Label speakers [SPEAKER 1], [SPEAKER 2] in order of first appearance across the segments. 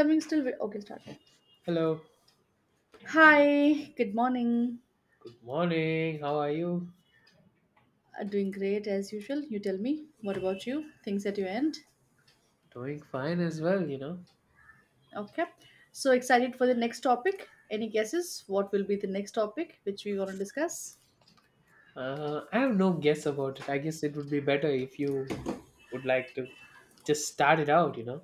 [SPEAKER 1] Coming still. Okay, start.
[SPEAKER 2] Hello.
[SPEAKER 1] Hi, good morning.
[SPEAKER 2] Good morning. How are you?
[SPEAKER 1] Doing great as usual. You tell me, what about you? Things at your end?
[SPEAKER 2] Doing fine as well, you know.
[SPEAKER 1] Okay. So excited for the next topic. Any guesses? What will be the next topic which we want to discuss?
[SPEAKER 2] I have no guess about it. I guess it would be better if you would like to just start it out, you know.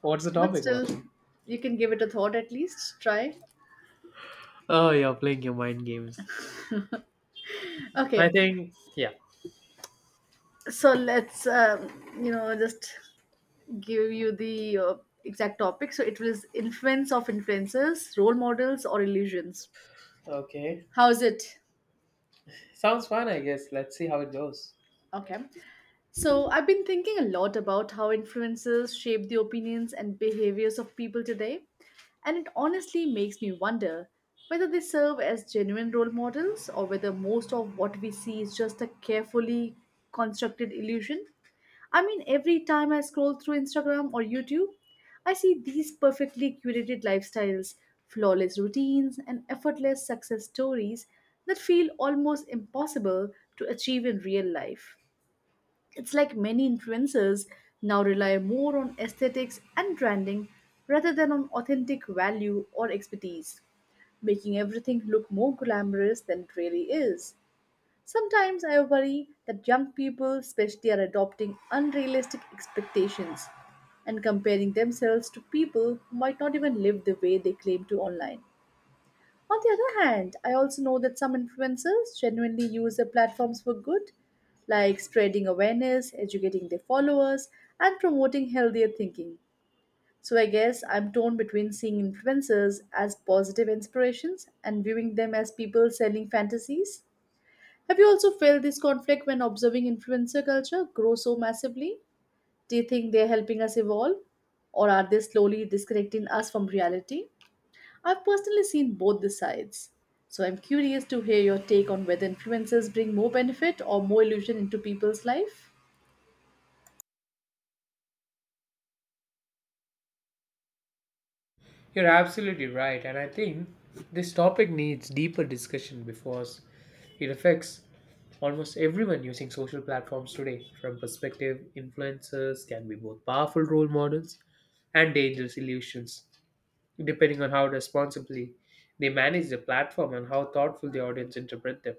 [SPEAKER 2] What's the
[SPEAKER 1] But
[SPEAKER 2] topic about?
[SPEAKER 1] still, you can give it a thought at least. Try.
[SPEAKER 2] Oh, you're playing your mind games. I
[SPEAKER 1] Okay.
[SPEAKER 2] think, yeah.
[SPEAKER 1] So let's just give you the exact topic. So it was influence of influencers, role models, or illusions.
[SPEAKER 2] Okay.
[SPEAKER 1] How's it?
[SPEAKER 2] Sounds fun, I guess. Let's see how it goes.
[SPEAKER 1] Okay. So I've been thinking a lot about how influences shape the opinions and behaviors of people today, and it honestly makes me wonder whether they serve as genuine role models or whether most of what we see is just a carefully constructed illusion. I mean, every time I scroll through Instagram or YouTube, I see these perfectly curated lifestyles, flawless routines, and effortless success stories that feel almost impossible to achieve in real life. It's like many influencers now rely more on aesthetics and branding rather than on authentic value or expertise, making everything look more glamorous than it really is. Sometimes I worry that young people, especially, are adopting unrealistic expectations and comparing themselves to people who might not even live the way they claim to online. On the other hand, I also know that some influencers genuinely use their platforms for good, like spreading awareness, educating their followers, and promoting healthier thinking. So I guess I'm torn between seeing influencers as positive inspirations and viewing them as people selling fantasies. Have you also felt this conflict when observing influencer culture grow so massively? Do you think they're helping us evolve, or are they slowly disconnecting us from reality? I've personally seen both the sides. So I'm curious to hear your take on whether influencers bring more benefit or more illusion into people's life.
[SPEAKER 2] You're absolutely right, and I think this topic needs deeper discussion because it affects almost everyone using social platforms today. From perspective, influencers can be both powerful role models and dangerous illusions, depending on how responsibly they manage the platform and how thoughtful the audience interpret them.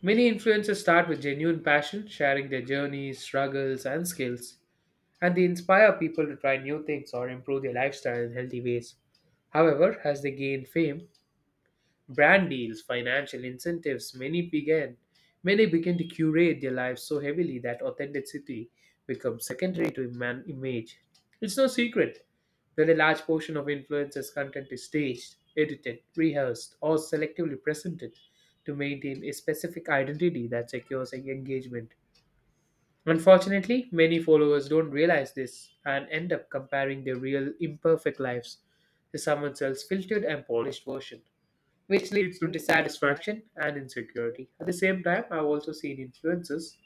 [SPEAKER 2] Many influencers start with genuine passion, sharing their journeys, struggles, and skills, and they inspire people to try new things or improve their lifestyle in healthy ways. However, as they gain fame, brand deals, financial incentives, many begin to curate their lives so heavily that authenticity becomes secondary to image. It's no secret that a large portion of influencers' content is staged, edited, rehearsed, or selectively presented to maintain a specific identity that secures engagement. Unfortunately, many followers don't realize this and end up comparing their real, imperfect lives to someone else's filtered and polished version, which leads to dissatisfaction and insecurity. At the same time, I've also seen influencers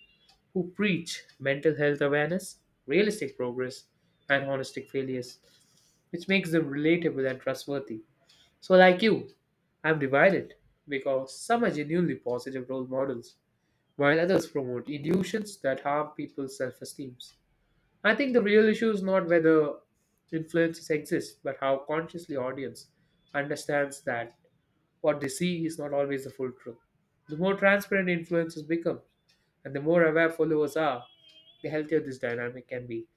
[SPEAKER 2] who preach mental health awareness, realistic progress, and holistic failures, which makes them relatable and trustworthy. So, like you, I'm divided because some are genuinely positive role models while others promote illusions that harm people's self esteem. I think the real issue is not whether influences exist, but how consciously audience understands that what they see is not always the full truth. The more transparent influences become, and the more aware followers are, the healthier this dynamic can be.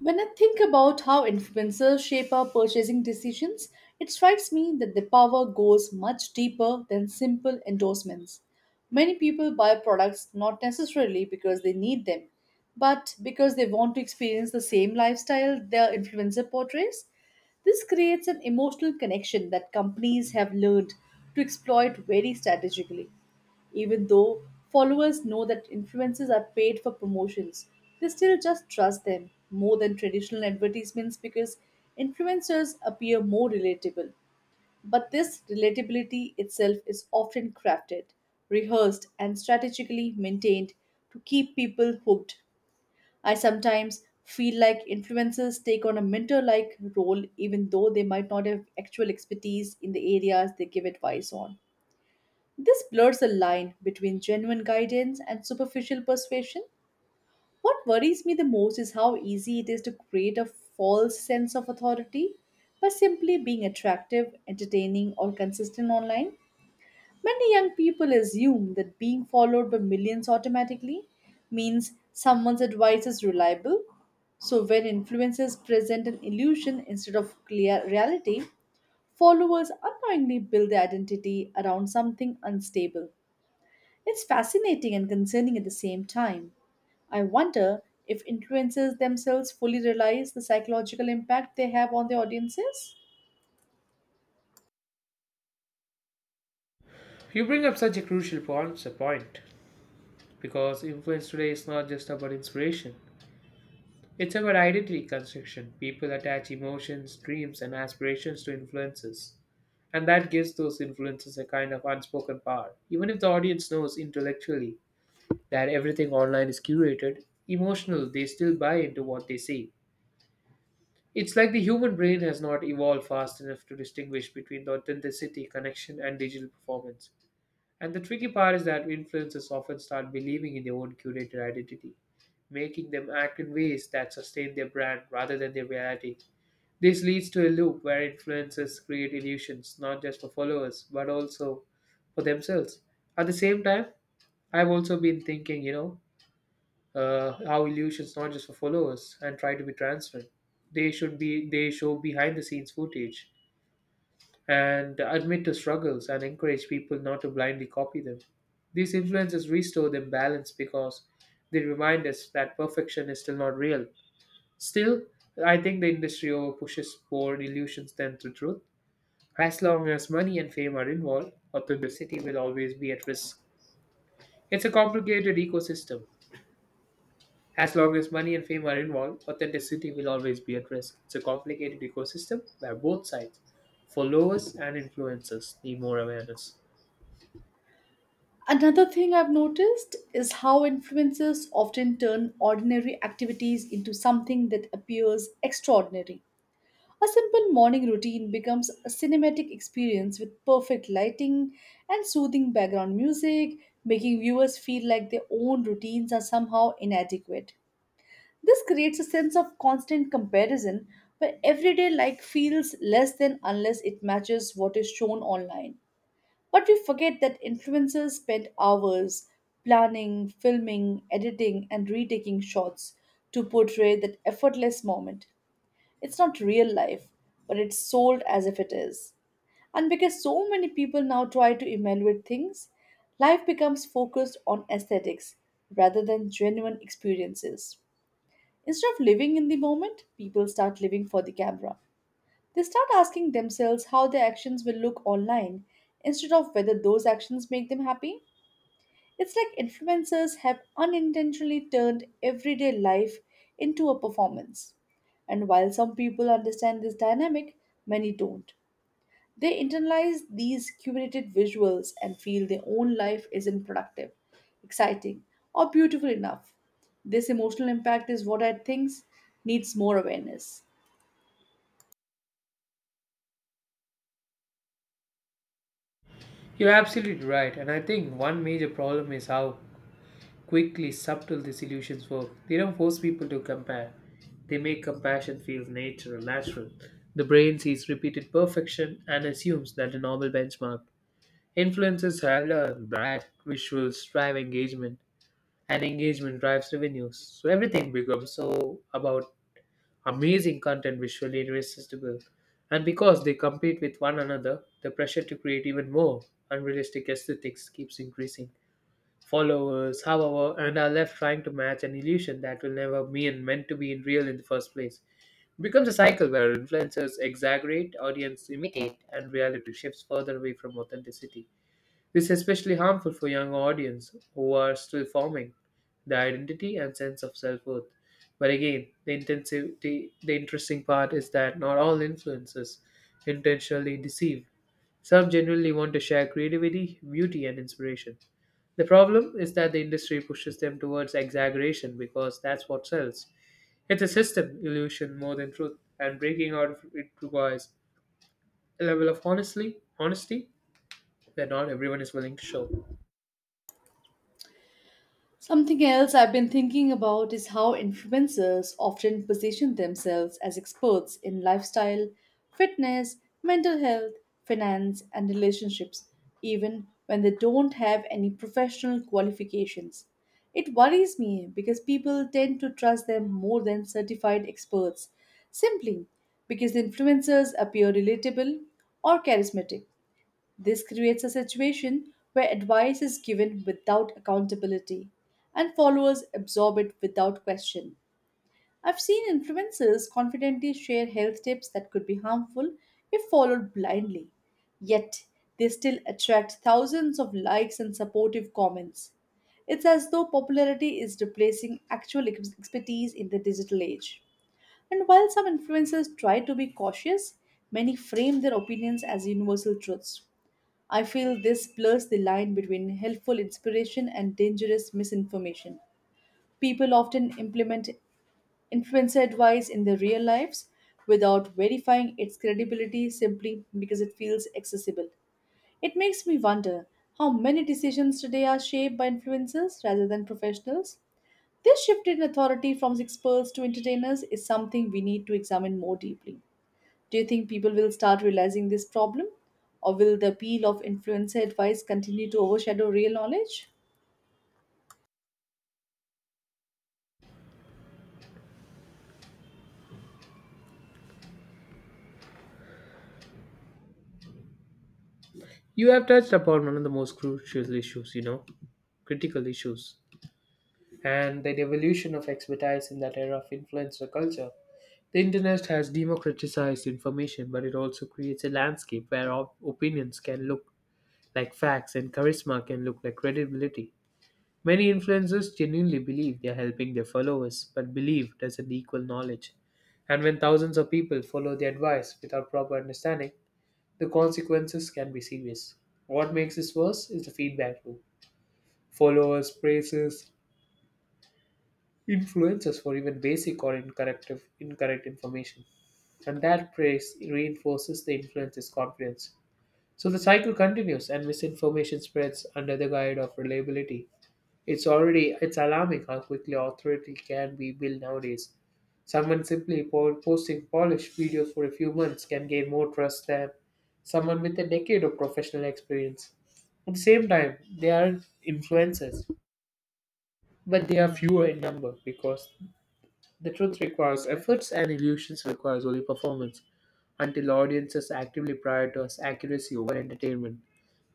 [SPEAKER 1] When I think about how influencers shape our purchasing decisions, it strikes me that the power goes much deeper than simple endorsements. Many people buy products not necessarily because they need them, but because they want to experience the same lifestyle their influencer portrays. This creates an emotional connection that companies have learned to exploit very strategically. Even though followers know that influencers are paid for promotions, they still just trust them more than traditional advertisements because influencers appear more relatable. But this relatability itself is often crafted, rehearsed, and strategically maintained to keep people hooked. I sometimes feel like influencers take on a mentor like role even though they might not have actual expertise in the areas they give advice on. This blurs the line between genuine guidance and superficial persuasion. What worries me the most is how easy it is to create a false sense of authority by simply being attractive, entertaining, or consistent online. Many young people assume that being followed by millions automatically means someone's advice is reliable. So, when influencers present an illusion instead of clear reality, followers unknowingly build their identity around something unstable. It's fascinating and concerning at the same time. I wonder if influencers themselves fully realize the psychological impact they have on their audiences.
[SPEAKER 2] You bring up such a crucial point, a point because influence today is not just about inspiration. It's about identity construction. People attach emotions, dreams, and aspirations to influences. And that gives those influences a kind of unspoken power. Even if the audience knows intellectually that everything online is curated, emotional, they still buy into what they see. It's like the human brain has not evolved fast enough to distinguish between the authenticity, connection, and digital performance. And the tricky part is that influencers often start believing in their own curated identity, making them act in ways that sustain their brand rather than their reality. This leads to a loop where influencers create illusions not just for followers but also for themselves. At the same time, I've also been thinking, you know, how illusions not just for followers and try to be transparent. They should be they show behind the scenes footage and admit to struggles and encourage people not to blindly copy them. These influences restore them balance because they remind us that perfection is still not real. Still, I think the industry over pushes more illusions than the truth. As long as money and fame are involved, authenticity will always be at risk. It's a complicated ecosystem. As long as money and fame are involved, authenticity will always be at risk. It's a complicated ecosystem where both sides, followers and influencers, need more awareness.
[SPEAKER 1] Another thing I've noticed is how influencers often turn ordinary activities into something that appears extraordinary. A simple morning routine becomes a cinematic experience with perfect lighting and soothing background music, making viewers feel like their own routines are somehow inadequate. This creates a sense of constant comparison where everyday life feels less than unless it matches what is shown online. But we forget that influencers spend hours planning, filming, editing, and retaking shots to portray that effortless moment. It's not real life, but it's sold as if it is. And because so many people now try to evaluate things, life becomes focused on aesthetics rather than genuine experiences. Instead of living in the moment, people start living for the camera. They start asking themselves how their actions will look online instead of whether those actions make them happy. It's like influencers have unintentionally turned everyday life into a performance. And while some people understand this dynamic, many don't. They internalize these curated visuals and feel their own life isn't productive, exciting, or beautiful enough. This emotional impact is what I think needs more awareness.
[SPEAKER 2] You're absolutely right, and I think one major problem is how quickly subtle these illusions work. They don't force people to compare, they make compassion feel natural. The brain sees repeated perfection and assumes that a normal benchmark. Influences are brand, visuals drive engagement, and engagement drives revenues. So everything becomes so about amazing content visually irresistible. And because they compete with one another, the pressure to create even more unrealistic aesthetics keeps increasing. Followers, however, and are left trying to match an illusion that will never be and meant to be in real in the first place. It becomes a cycle where influencers exaggerate, audience imitate, and reality shifts further away from authenticity. This is especially harmful for young audience who are still forming their identity and sense of self-worth. But again, the intensity the interesting part is that not all influencers intentionally deceive. Some genuinely want to share creativity, beauty and inspiration. The problem is that the industry pushes them towards exaggeration because that's what sells. It's a system illusion more than truth, and breaking out of it requires a level of honestly honesty that not everyone is willing to show.
[SPEAKER 1] Something else I've been thinking about is how influencers often position themselves as experts in lifestyle, fitness, mental health, finance, and relationships, even when they don't have any professional qualifications. It worries me because people tend to trust them more than certified experts, simply because the influencers appear relatable or charismatic. This creates a situation where advice is given without accountability and followers absorb it without question. I've seen influencers confidently share health tips that could be harmful if followed blindly, yet they still attract thousands of likes and supportive comments. It's as though popularity is replacing actual expertise in the digital age. And while some influencers try to be cautious, many frame their opinions as universal truths. I feel this blurs the line between helpful inspiration and dangerous misinformation. People often implement influencer advice in their real lives without verifying its credibility simply because it feels accessible. It makes me wonder how many decisions today are shaped by influencers rather than professionals. This shift in authority from experts to entertainers is something we need to examine more deeply. Do you think people will start realizing this problem? Or will the appeal of influencer advice continue to overshadow real knowledge?
[SPEAKER 2] You have touched upon one of the most crucial issues, you know, critical issues, and the evolution of expertise in that era of influencer culture. The internet has democratized information, but it also creates a landscape where opinions can look like facts and charisma can look like credibility. Many influencers genuinely believe they are helping their followers, but belief doesn't equal knowledge. And when thousands of people follow the advice without proper understanding, the consequences can be serious. What makes this worse is the feedback loop. Followers, praises, influencers for even basic or incorrect information. And that praise reinforces the influencer's confidence. So the cycle continues and misinformation spreads under the guise of reliability. It's alarming how quickly authority can be built nowadays. Someone simply posting polished videos for a few months can gain more trust than someone with a decade of professional experience. At the same time, they are influencers, but they are fewer in number because the truth requires efforts and illusions requires only performance until audiences actively prioritize accuracy over entertainment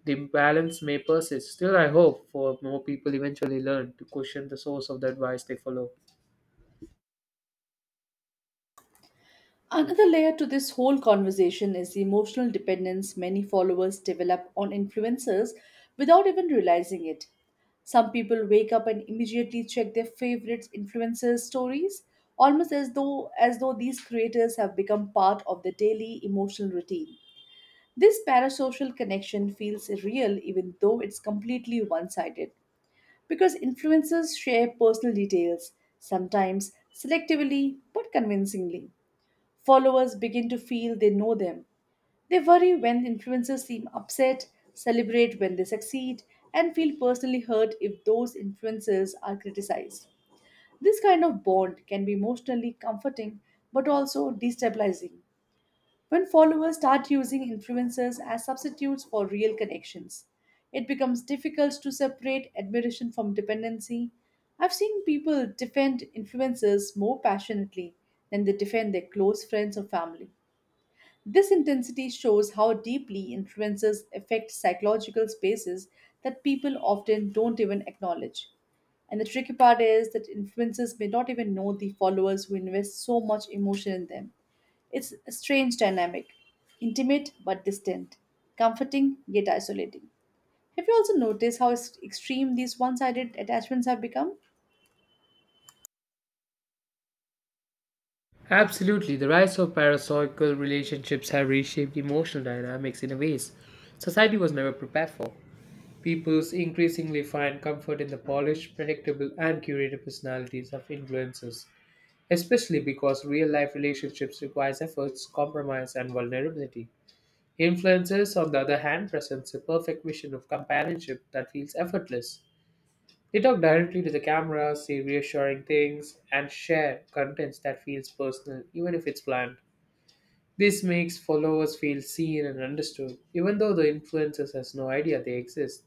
[SPEAKER 2] the imbalance may persist. Still, I hope for more people eventually learn to question the source of the advice they follow.
[SPEAKER 1] Another layer to this whole conversation is the emotional dependence many followers develop on influencers without even realizing it. Some people wake up and immediately check their favorite influencers' stories, almost as though these creators have become part of the daily emotional routine. This parasocial connection feels real even though it's completely one-sided. Because influencers share personal details, sometimes selectively but convincingly, followers begin to feel they know them. They worry when influencers seem upset, celebrate when they succeed, and feel personally hurt if those influencers are criticized. This kind of bond can be emotionally comforting but also destabilizing. When followers start using influencers as substitutes for real connections, it becomes difficult to separate admiration from dependency. I've seen people defend influencers more passionately than they defend their close friends or family. This intensity shows how deeply influencers affect psychological spaces that people often don't even acknowledge. And the tricky part is that influencers may not even know the followers who invest so much emotion in them. It's a strange dynamic, intimate but distant, comforting yet isolating. Have you also noticed how extreme these one sided attachments have become?
[SPEAKER 2] Absolutely, the rise of parasocial relationships have reshaped emotional dynamics in a ways society was never prepared for. People increasingly find comfort in the polished, predictable, and curated personalities of influencers, especially because real-life relationships requires efforts, compromise, and vulnerability. Influencers, on the other hand, presents a perfect vision of companionship that feels effortless. They talk directly to the camera, say reassuring things, and share contents that feels personal, even if it's planned. This makes followers feel seen and understood, even though the influencers has no idea they exist.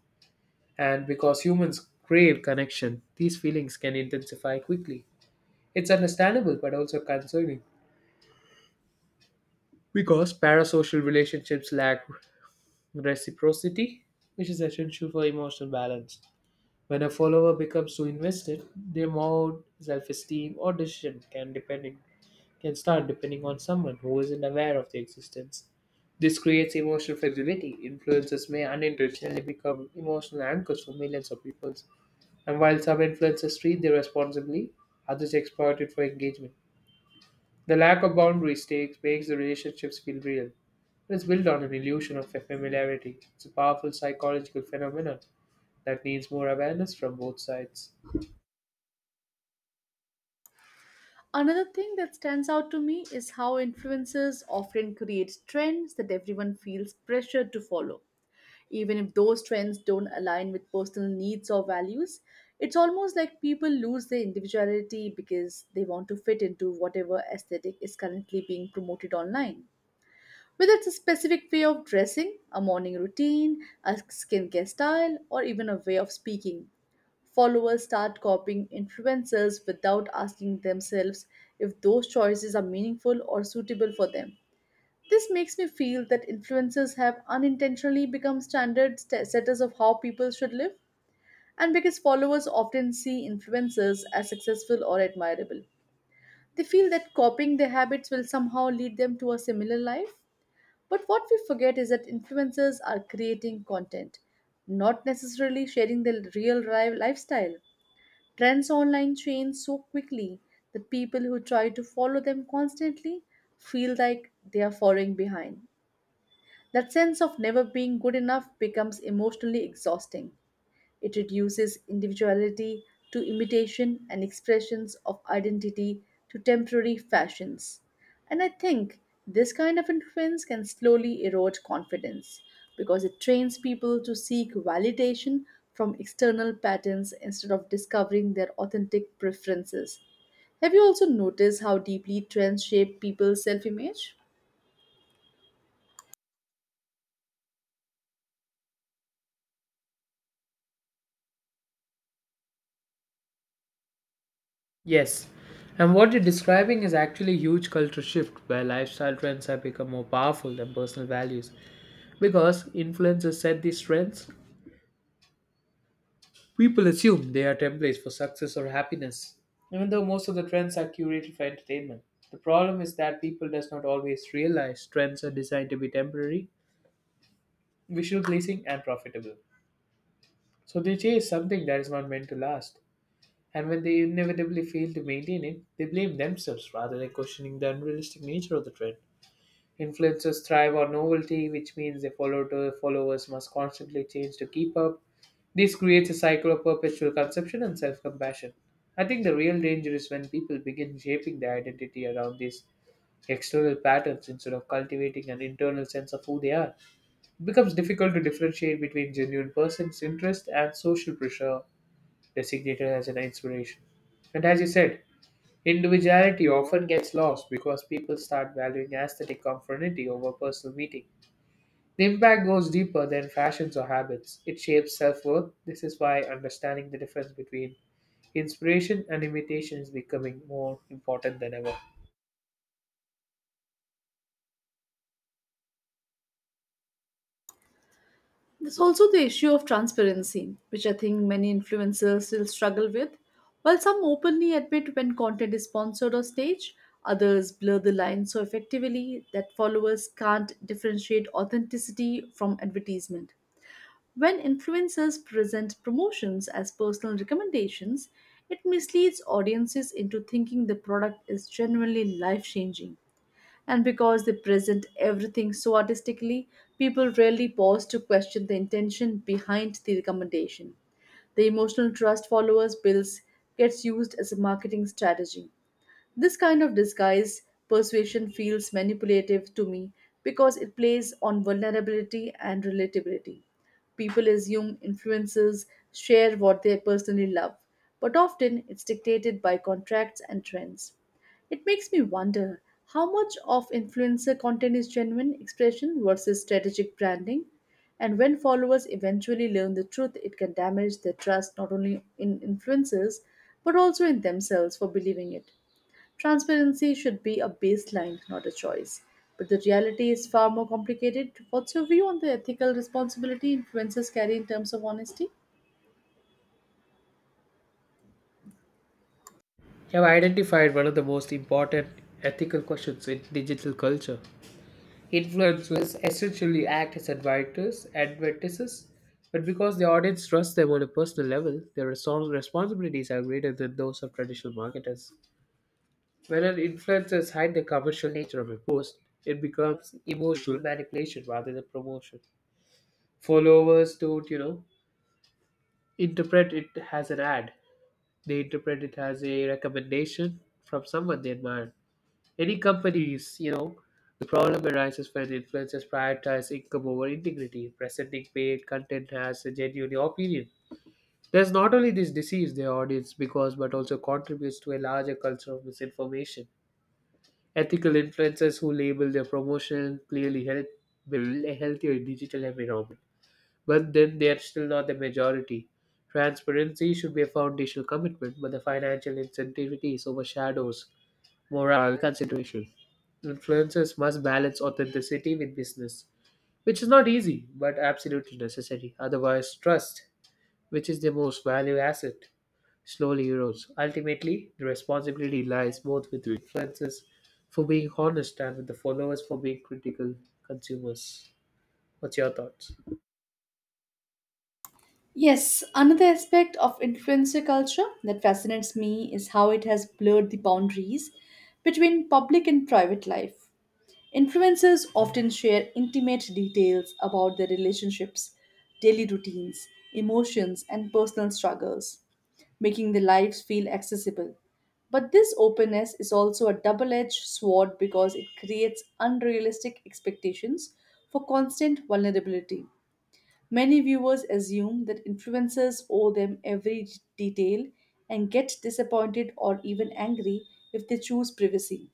[SPEAKER 2] And because humans crave connection, these feelings can intensify quickly. It's understandable but also concerning because parasocial relationships lack reciprocity, which is essential for emotional balance. When a follower becomes so invested, their mood, self-esteem, or decision can depending can start depending on someone who isn't aware of their existence. This creates emotional flexibility. Influencers may unintentionally become emotional anchors for millions of people. And while some influencers treat their responsibly, others exploit it for engagement. The lack of boundaries takes makes the relationships feel real. It's built on an illusion of familiarity. It's a powerful psychological phenomenon that needs more awareness from both sides.
[SPEAKER 1] Another thing that stands out to me is how influencers often create trends that everyone feels pressured to follow. Even if those trends don't align with personal needs or values, it's almost like people lose their individuality because they want to fit into whatever aesthetic is currently being promoted online. Whether it's a specific way of dressing, a morning routine, a skincare style, or even a way of speaking, followers start copying influencers without asking themselves if those choices are meaningful or suitable for them. This makes me feel that influencers have unintentionally become standard setters of how people should live. And because followers often see influencers as successful or admirable, they feel that copying their habits will somehow lead them to a similar life. But what we forget is that influencers are creating content, not necessarily sharing their real lifestyle. Trends online change so quickly that people who try to follow them constantly feel like they are falling behind. That sense of never being good enough becomes emotionally exhausting. It reduces individuality to imitation and expressions of identity to temporary fashions. And I think this kind of influence can slowly erode confidence because it trains people to seek validation from external patterns instead of discovering their authentic preferences. Have you also noticed how deeply trends shape people's self image?
[SPEAKER 2] Yes. And what you're describing is actually a huge cultural shift where lifestyle trends have become more powerful than personal values. Because influencers set these trends, people assume they are templates for success or happiness, even though most of the trends are curated for entertainment. The problem is that people does not always realize trends are designed to be temporary, visual pleasing and profitable. So they chase something that is not meant to last. And when they inevitably fail to maintain it, they blame themselves rather than questioning the unrealistic nature of the trend. Influencers thrive on novelty, which means their followers must constantly change to keep up. This creates a cycle of perpetual consumption and self compassion. I think the real danger is when people begin shaping their identity around these external patterns instead of cultivating an internal sense of who they are. It becomes difficult to differentiate between genuine person's interest and social pressure designated as an inspiration. And as you said, individuality often gets lost because people start valuing aesthetic conformity over personal meaning. The impact goes deeper than fashions or habits. It shapes self worth. This is why understanding the difference between inspiration and imitation is becoming more important than ever.
[SPEAKER 1] There's also the issue of transparency, which I think many influencers still struggle with. While some openly admit when content is sponsored or staged, others blur the line so effectively that followers can't differentiate authenticity from advertisement. When influencers present promotions as personal recommendations, it misleads audiences into thinking the product is genuinely life changing. And because they present everything so artistically, people rarely pause to question the intention behind the recommendation. The emotional trust followers builds gets used as a marketing strategy. This kind of disguise persuasion feels manipulative to me because it plays on vulnerability and relatability. People assume influencers share what they personally love, but often it's dictated by contracts and trends. It makes me wonder how much of influencer content is genuine expression versus strategic branding, and when followers eventually learn the truth, it can damage their trust not only in influencers but also in themselves for believing it. Transparency should be a baseline, not a choice. But the reality is far more complicated. What's your view on the ethical responsibility influencers carry in terms of honesty?
[SPEAKER 2] You have identified one of the most important ethical questions in digital culture. Influencers essentially act as advertisers, but because the audience trusts them on a personal level, their responsibilities are greater than those of traditional marketers. When an influencer hides the commercial nature of a post, it becomes emotional manipulation rather than promotion. Followers don't, you know, interpret it as an ad. They interpret it as a recommendation from someone they admire. Any companies, you know, the problem arises when influencers prioritize income over integrity, presenting paid content as a genuine opinion. There's not only this deceives their audience because, but also contributes to a larger culture of misinformation. Ethical influencers who label their promotion clearly help build a healthier digital environment, but then they are still not the majority. Transparency should be a foundational commitment, but the financial incentivity is overshadows moral considerations. Influencers must balance authenticity with business, which is not easy but absolutely necessary. Otherwise, trust, which is the most valued asset, slowly erodes. Ultimately, the responsibility lies both with the influencers for being honest and with the followers for being critical consumers. What's your thoughts?
[SPEAKER 1] Yes, another aspect of influencer culture that fascinates me is how it has blurred the boundaries between public and private life. Influencers often share intimate details about their relationships, daily routines, emotions, and personal struggles, making their lives feel accessible. But this openness is also a double edged sword because it creates unrealistic expectations for constant vulnerability. Many viewers assume that influencers owe them every detail and get disappointed or even angry if they choose privacy.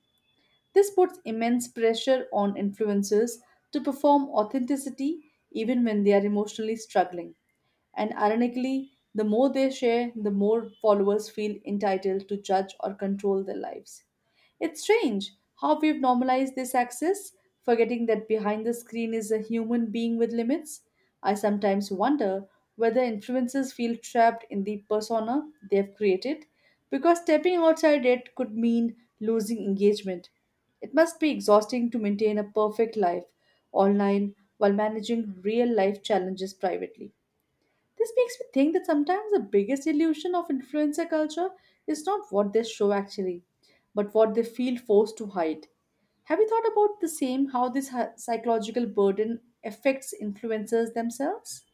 [SPEAKER 1] This puts immense pressure on influencers to perform authenticity even when they are emotionally struggling. And ironically, the more they share, the more followers feel entitled to judge or control their lives. It's strange how we've normalized this access, forgetting that behind the screen is a human being with limits. I sometimes wonder whether influencers feel trapped in the persona they've created because stepping outside it could mean losing engagement. It must be exhausting to maintain a perfect life online while managing real life challenges privately. This makes me think that sometimes the biggest illusion of influencer culture is not what they show actually, but what they feel forced to hide. Have you thought about the same how this psychological burden affects influencers themselves?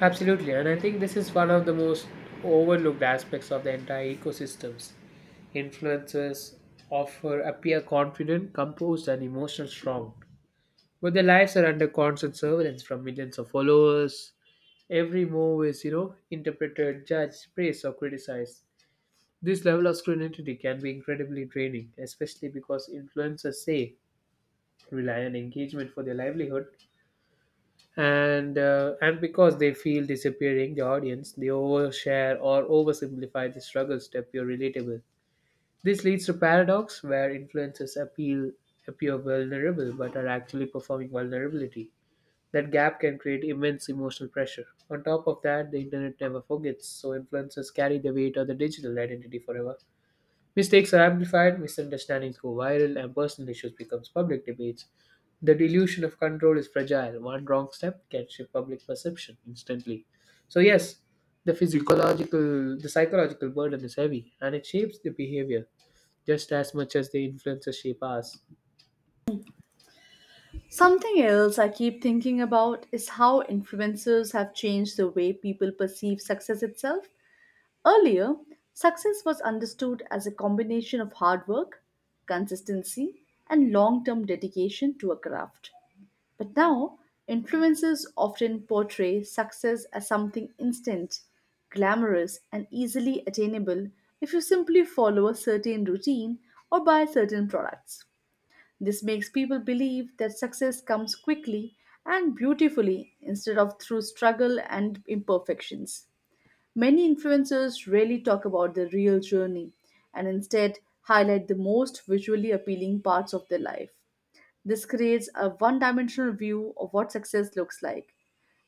[SPEAKER 2] Absolutely, and I think this is one of the most overlooked aspects of the entire ecosystems. Influencers offer appear confident, composed, and emotional strong, but their lives are under constant surveillance from millions of followers. Every move is, you know, interpreted, judged, praised, or criticized. This level of scrutiny can be incredibly draining, especially because influencers say rely on engagement for their livelihood and because they feel disappearing the audience they overshare or oversimplify the struggles to appear relatable this leads to paradox where influencers appeal appear vulnerable but are actually performing vulnerability that gap can create immense emotional pressure on top of that the internet never forgets so influencers carry the weight of the digital identity forever. Mistakes are amplified, misunderstandings go viral, and personal issues becomes public debates. The delusion of control is fragile. One wrong step can shift public perception instantly. So yes, the psychological burden is heavy, and it shapes the behavior just as much as the influences shape us.
[SPEAKER 1] Something else I keep thinking about is how influencers have changed the way people perceive success itself. Earlier, success was understood as a combination of hard work, consistency, and long term dedication to a craft. But now, influencers often portray success as something instant, glamorous, and easily attainable if you simply follow a certain routine or buy certain products. This makes people believe that success comes quickly and beautifully instead of through struggle and imperfections. Many influencers rarely talk about their real journey and instead highlight the most visually appealing parts of their life. This creates a one dimensional view of what success looks like.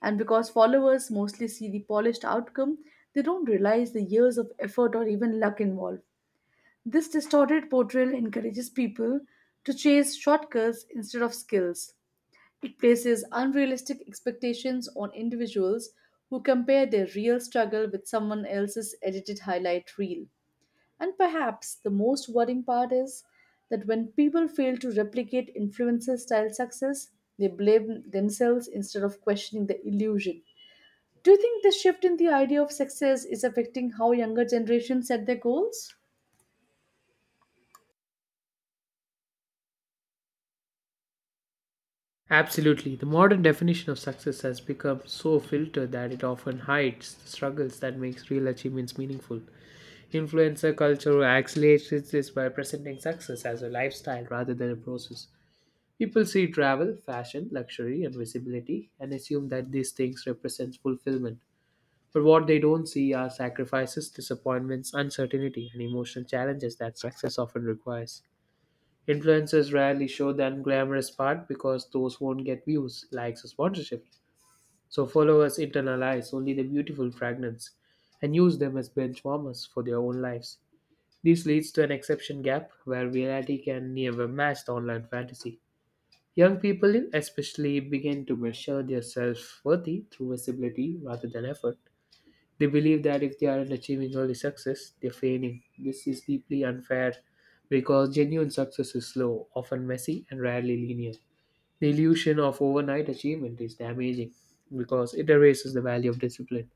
[SPEAKER 1] And because followers mostly see the polished outcome, they don't realize the years of effort or even luck involved. This distorted portrayal encourages people to chase shortcuts instead of skills. It places unrealistic expectations on individuals who compare their real struggle with someone else's edited highlight reel. And perhaps the most worrying part is that when people fail to replicate influencer style success, they blame themselves instead of questioning the illusion. Do you think the shift in the idea of success is affecting how younger generations set their goals?
[SPEAKER 2] Absolutely, the modern definition of success has become so filtered that it often hides the struggles that makes real achievements meaningful. Influencer culture accelerates this by presenting success as a lifestyle rather than a process. People see travel, fashion, luxury, and visibility and assume that these things represent fulfillment. But what they don't see are sacrifices, disappointments, uncertainty, and emotional challenges that success often requires. Influencers rarely show the unglamorous part because those won't get views, likes, or sponsorship. So followers internalize only the beautiful fragments and use them as benchwarmers for their own lives. This leads to an exception gap where reality can never match the online fantasy. Young people, especially, begin to measure their self worth through visibility rather than effort. They believe that if they aren't achieving early success, they're failing. This is deeply unfair because genuine success is slow, often messy, and rarely linear. The illusion of overnight achievement is damaging because it erases the value of discipline,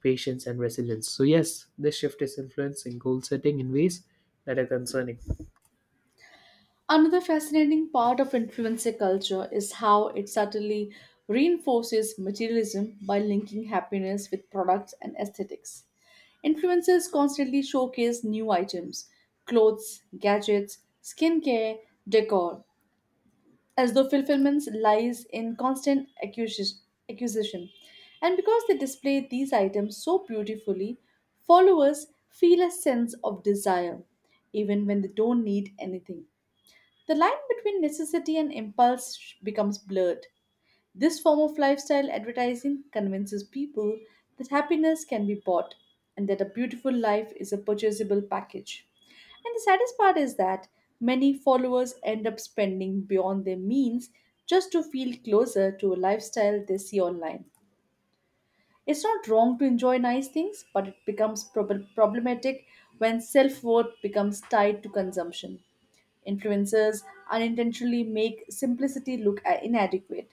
[SPEAKER 2] patience, and resilience. So, yes, this shift is influencing goal setting in ways that are concerning.
[SPEAKER 1] Another fascinating part of influencer culture is how it subtly reinforces materialism by linking happiness with products and aesthetics. Influencers constantly showcase new items, clothes, gadgets, skincare, decor, as though fulfillment lies in constant acquisition. And because they display these items so beautifully, followers feel a sense of desire, even when they don't need anything. The line between necessity and impulse becomes blurred. This form of lifestyle advertising convinces people that happiness can be bought and that a beautiful life is a purchasable package. And the saddest part is that many followers end up spending beyond their means just to feel closer to a lifestyle they see online. It's not wrong to enjoy nice things, but it becomes problematic when self worth becomes tied to consumption. Influencers unintentionally make simplicity look inadequate,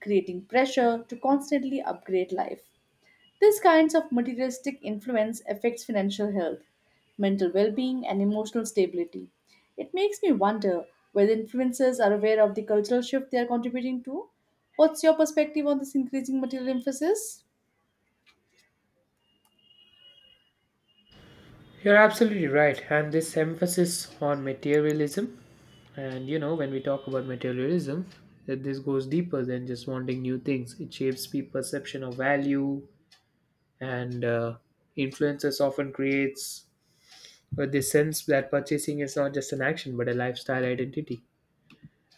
[SPEAKER 1] creating pressure to constantly upgrade life. These kinds of materialistic influence affects financial health, mental well-being and emotional stability. It makes me wonder whether influencers are aware of the cultural shift they are contributing to. What's your perspective on this increasing material emphasis?
[SPEAKER 2] You're absolutely right. And this emphasis on materialism, and you know, when we talk about materialism, that this goes deeper than just wanting new things. It shapes people's perception of value, and influences often creates this sense that purchasing is not just an action but a lifestyle identity.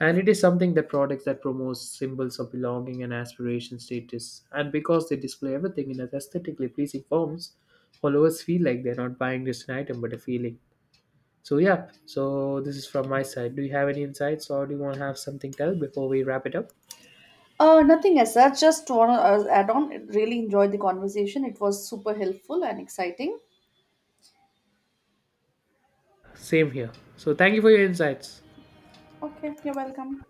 [SPEAKER 2] And it is something that products that promotes symbols of belonging and aspiration status. And because they display everything in aesthetically pleasing forms, followers feel like they're not buying just an item but a feeling. So yeah, so this is from my side. Do you have any insights or do you want to have something else before we wrap it up?
[SPEAKER 1] Nothing as such. Just want to add on. Really enjoyed the conversation. It was super helpful and exciting.
[SPEAKER 2] Same here. So thank you for your insights.
[SPEAKER 1] Okay, you're welcome.